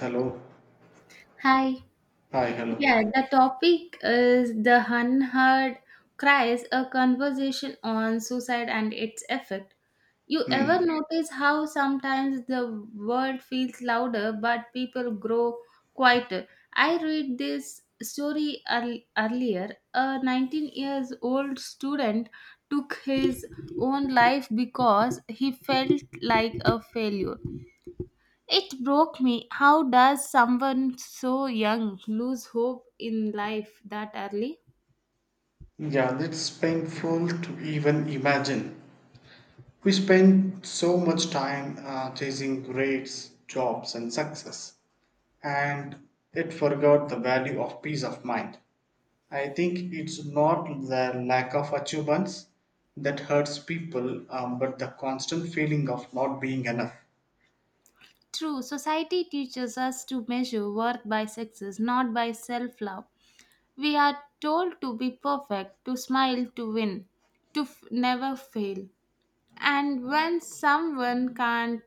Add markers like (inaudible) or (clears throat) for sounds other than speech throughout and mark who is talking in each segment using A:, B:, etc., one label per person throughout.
A: Hello.
B: Hi.
A: Hi, hello.
B: Yeah, the topic is the unheard cries, a conversation on suicide and its effect. You ever
A: Hmm.
B: notice how sometimes the world feels louder but people grow quieter? I read this story earlier. A 19 years old student took his own life because he felt like a failure. It broke me. How does someone so young lose hope in life that early?
A: Yeah, that's painful to even imagine. We spend so much time chasing grades, jobs, and success, and it forgot the value of peace of mind. I think it's not the lack of achievements that hurts people, but the constant feeling of not being enough.
B: True, society teaches us to measure worth by success, not by self love. We are told to be perfect, to smile, to win, to never fail. And when someone can't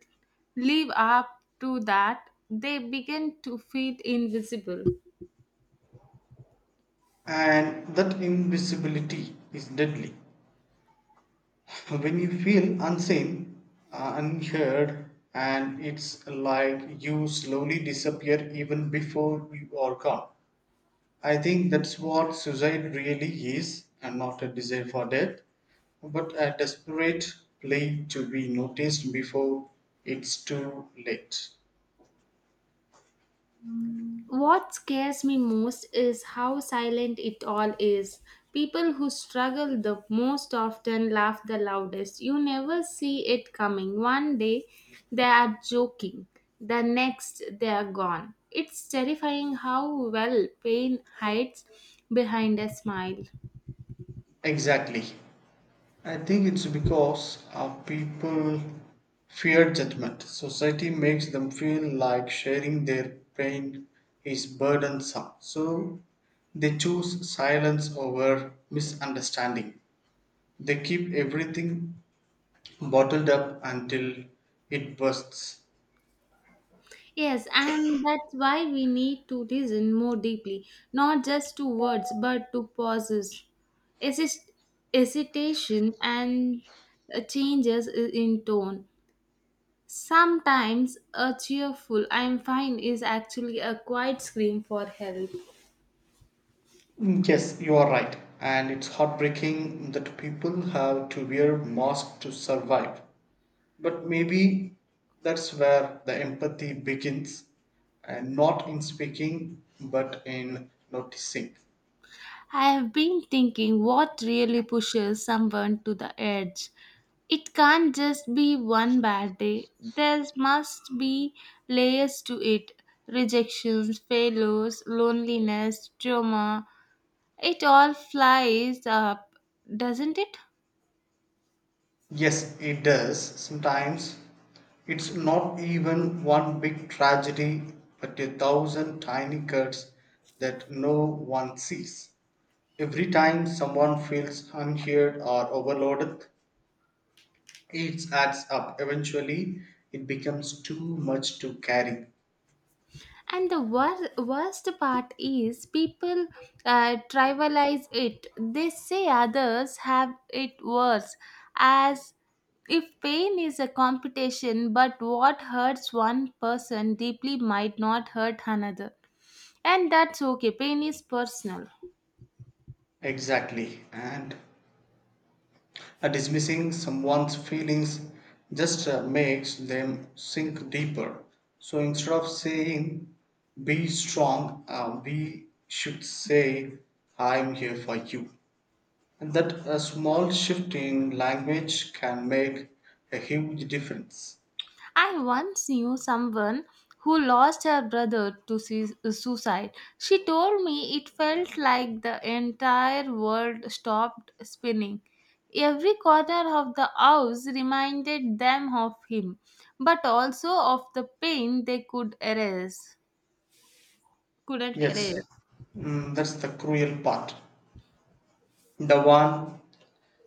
B: live up to that, they begin to feel invisible.
A: And that invisibility is deadly. So when you feel unseen, unheard, and it's like you slowly disappear even before you are gone. I think that's what suicide really is, and not a desire for death, but a desperate plea to be noticed before it's too late.
B: What scares me most is how silent it all is. People who struggle the most often laugh the loudest. You never see it coming. One day they are joking, the next they are gone. It's terrifying how well pain hides behind a smile.
A: Exactly. I think it's because our people fear judgment. Society makes them feel like sharing their pain is burdensome. So they choose silence over misunderstanding. They keep everything bottled up until it bursts.
B: Yes, and that's why we need to listen more deeply, not just to words but to pauses. Hesit- Hesitation and changes in tone. Sometimes a cheerful I'm fine is actually a quiet scream for help.
A: Mm, yes, you are right. And it's heartbreaking that people have to wear masks to survive. But maybe that's where the empathy begins, and not in speaking, but in noticing.
B: I have been thinking what really pushes someone to the edge. It can't just be one bad day. There must be layers to it, rejections, failures, loneliness, trauma. It all flies up, doesn't it?
A: Yes, it does. Sometimes it's not even one big tragedy, but a thousand tiny cuts that no one sees. Every time someone feels unheard or overloaded, it adds up. Eventually, it becomes too much to carry.
B: And the worst part is people trivialize it. They say others have it worse, as if pain is a competition. But what hurts one person deeply might not hurt another, and that's okay. Pain is personal.
A: Exactly. And dismissing someone's feelings just makes them sink deeper. So instead of saying, be strong, we should say, I am here for you. And that a small shift in language can make a huge difference.
B: I once knew someone who lost her brother to suicide. She told me it felt like the entire world stopped spinning. Every corner of the house reminded them of him, but also of the pain they could erase, couldn't erase.
A: Yes, that's the cruel part. The one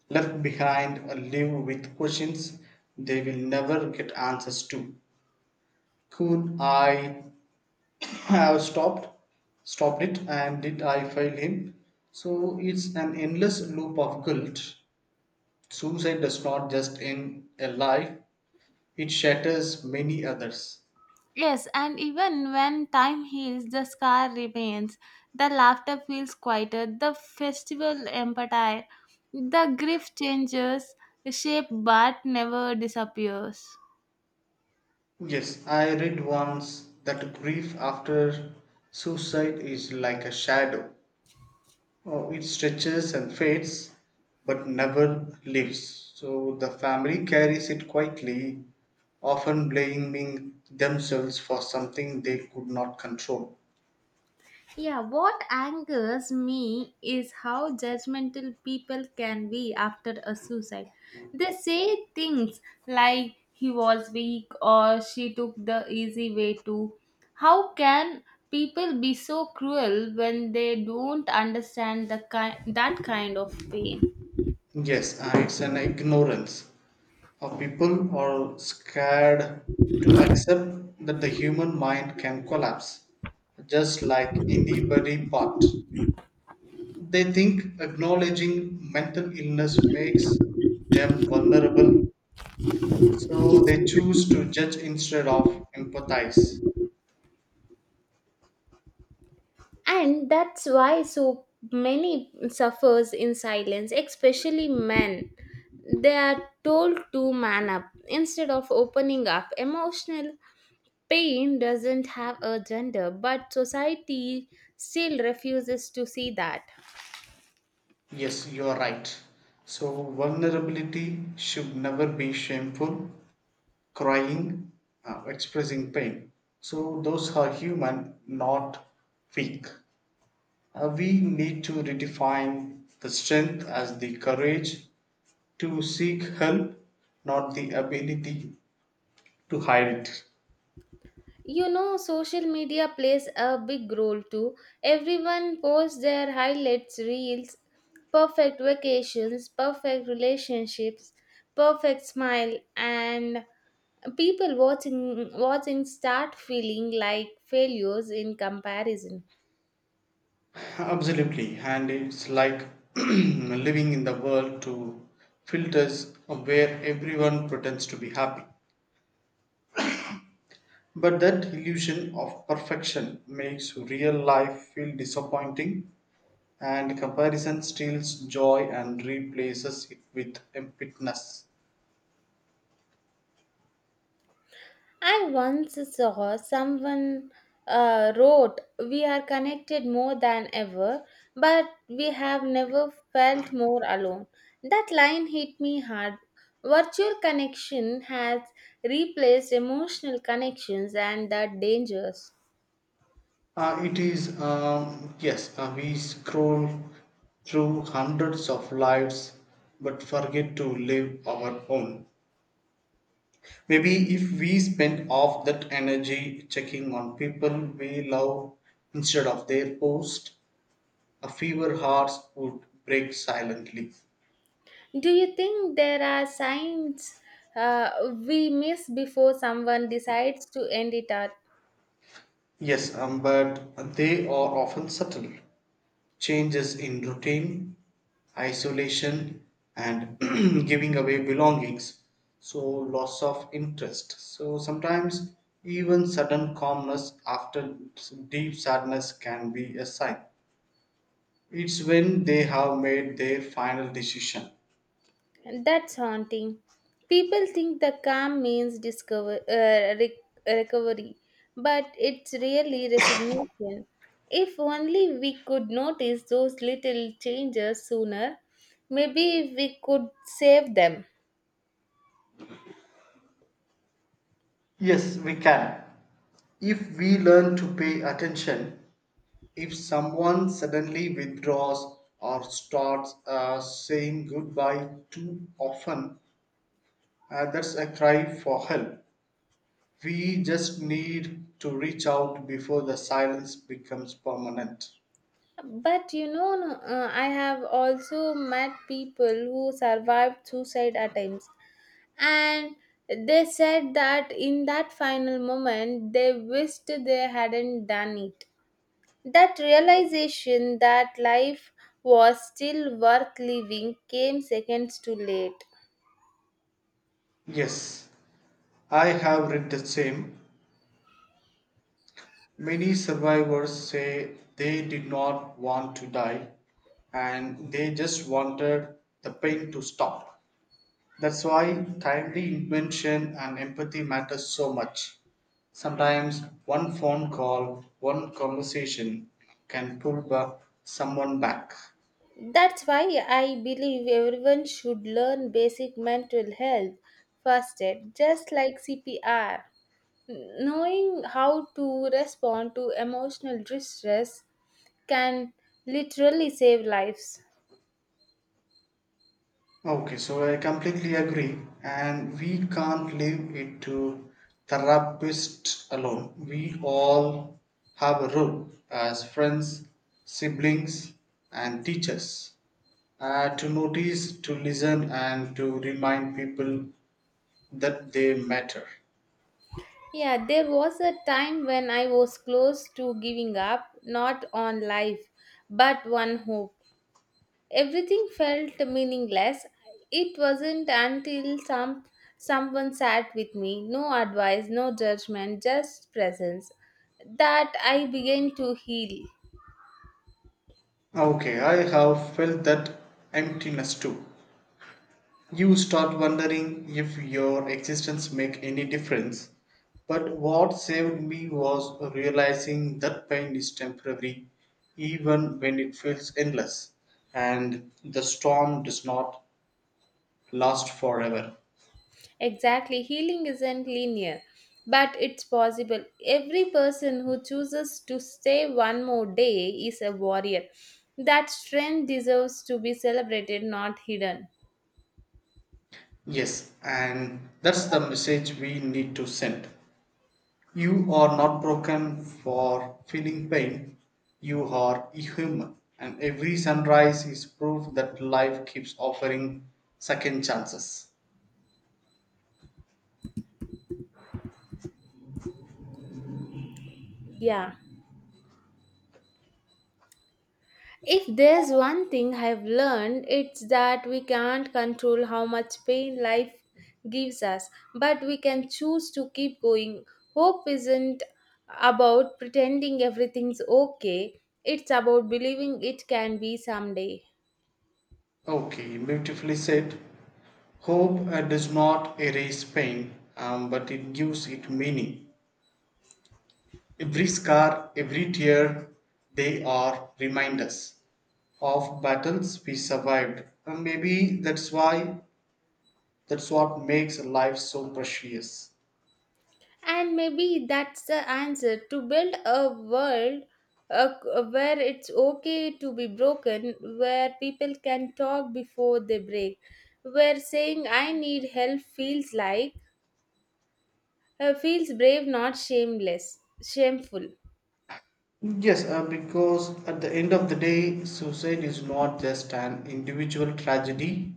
A: left behind live with questions they will never get answers to. Could I have stopped it, and did I fail him? So it's an endless loop of guilt. Suicide does not just end a life, it shatters many others.
B: Yes, and even when time heals, the scar remains. The laughter feels quieter, the festival empathy, the grief changes shape but never disappears.
A: Yes, I read once that grief after suicide is like a shadow. Oh, it stretches and fades but never leaves. So the family carries it quietly, often blaming themselves for something they could not control.
B: Yeah, what angers me is how judgmental people can be after a suicide. They say things like he was weak or she took the easy way to. How can people be so cruel when they don't understand the that kind of pain?
A: Yes, it's an ignorance of people are scared to accept that the human mind can collapse, just like any body part. They think acknowledging mental illness makes them vulnerable, so they choose to judge instead of empathize.
B: And that's why so many suffers in silence, especially men. They are told to man up instead of opening up. Emotional pain doesn't have a gender, but society still refuses to see that.
A: Yes, you are right. So, vulnerability should never be shameful. Crying, expressing pain. So those are human, not weak. We need to redefine the strength as the courage to seek help, not the ability to hide it.
B: You know, social media plays a big role too. Everyone posts their highlights reels, perfect vacations, perfect relationships, perfect smile, and people watching start feeling like failures in comparison.
A: Absolutely, and it's like (clears throat) living in the world to filters where everyone pretends to be happy. But that illusion of perfection makes real life feel disappointing, and comparison steals joy and replaces it with emptiness.
B: I once saw someone wrote, we are connected more than ever, but we have never felt more alone. That line hit me hard. Virtual connection has replaced emotional connections and that dangerous.
A: It is, yes, we scroll through hundreds of lives but forget to live our own. Maybe if we spend off that energy checking on people we love instead of their post, a fewer hearts would break silently.
B: Do you think there are signs uh, we miss before someone decides to end it all?
A: Yes, but they are often subtle. Changes in routine, isolation, and (clears throat) giving away belongings. So, loss of interest. So, sometimes even sudden calmness after deep sadness can be a sign. It's when they have made their final decision.
B: And that's haunting. People think the calm means recovery, but it's really resignation. If only we could notice those little changes sooner, maybe we could save them.
A: Yes, we can. If we learn to pay attention, if someone suddenly withdraws or starts saying goodbye too often, that's a cry for help. We just need to reach out before the silence becomes permanent.
B: But you know, no, I have also met people who survived suicide attempts, and they said that in that final moment they wished they hadn't done it. That realization that life was still worth living came seconds too late.
A: Yes, I have read the same. Many survivors say they did not want to die, and they just wanted the pain to stop. That's why timely intervention and empathy matters so much. Sometimes one phone call, one conversation can someone back.
B: That's why I believe everyone should learn basic mental health first aid, just like CPR. Knowing how to respond to emotional distress can literally save lives.
A: Okay, so I completely agree, and we can't leave it to therapists alone. We all have a role as friends, siblings, and teachers to notice, to listen, and to remind people that they matter.
B: Yeah, there was a time when I was close to giving up, not on life, but one hope. Everything felt meaningless. It wasn't until someone sat with me, no advice, no judgment, just presence, that I began to heal.
A: Okay, I have felt that emptiness too. You start wondering if your existence make any difference. But what saved me was realizing that pain is temporary, even when it feels endless, and the storm does not last forever.
B: Exactly, healing isn't linear, but it's possible. Every person who chooses to stay one more day is a warrior. That strength deserves to be celebrated, not hidden.
A: Yes, and that's the message we need to send. You are not broken for feeling pain, you are human, and every sunrise is proof that life keeps offering second chances.
B: Yeah. If there's one thing I've learned, it's that we can't control how much pain life gives us, but we can choose to keep going. Hope isn't about pretending everything's okay, it's about believing it can be someday.
A: Okay, beautifully said. Hope does not erase pain, but it gives it meaning. Every scar, every tear, they are reminders of battles we survived. And maybe that's why, that's what makes life so precious.
B: And maybe that's the answer, to build a world where it's okay to be broken, where people can talk before they break, where saying I need help feels like feels brave, not shameful.
A: Yes, because at the end of the day, suicide is not just an individual tragedy,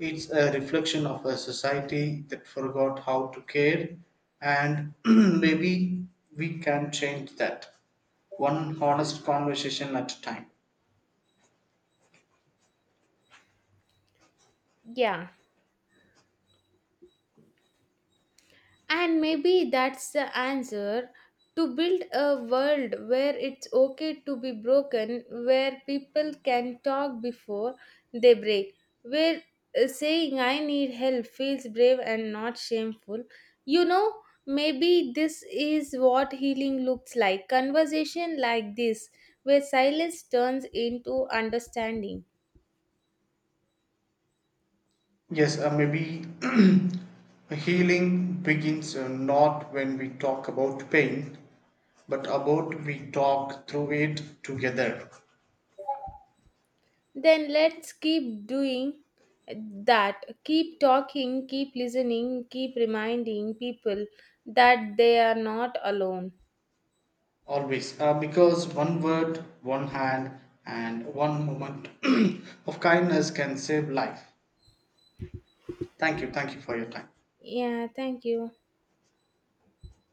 A: it's a reflection of a society that forgot how to care, and (clears throat) maybe we can change that. One honest conversation at a time.
B: Yeah, and maybe that's the answer to build a world where it's okay to be broken, where people can talk before they break, where saying I need help feels brave and not shameful. You know, maybe this is what healing looks like, conversation like this, where silence turns into understanding.
A: Yes, maybe (clears throat) healing begins not when we talk about pain, but about we talk through it together.
B: Then let's keep doing that. Keep talking, keep listening, keep reminding people that they are not alone.
A: Always. Because one word, one hand, and one moment (clears throat) of kindness can save life. Thank you. Thank you for your time.
B: Yeah, thank you.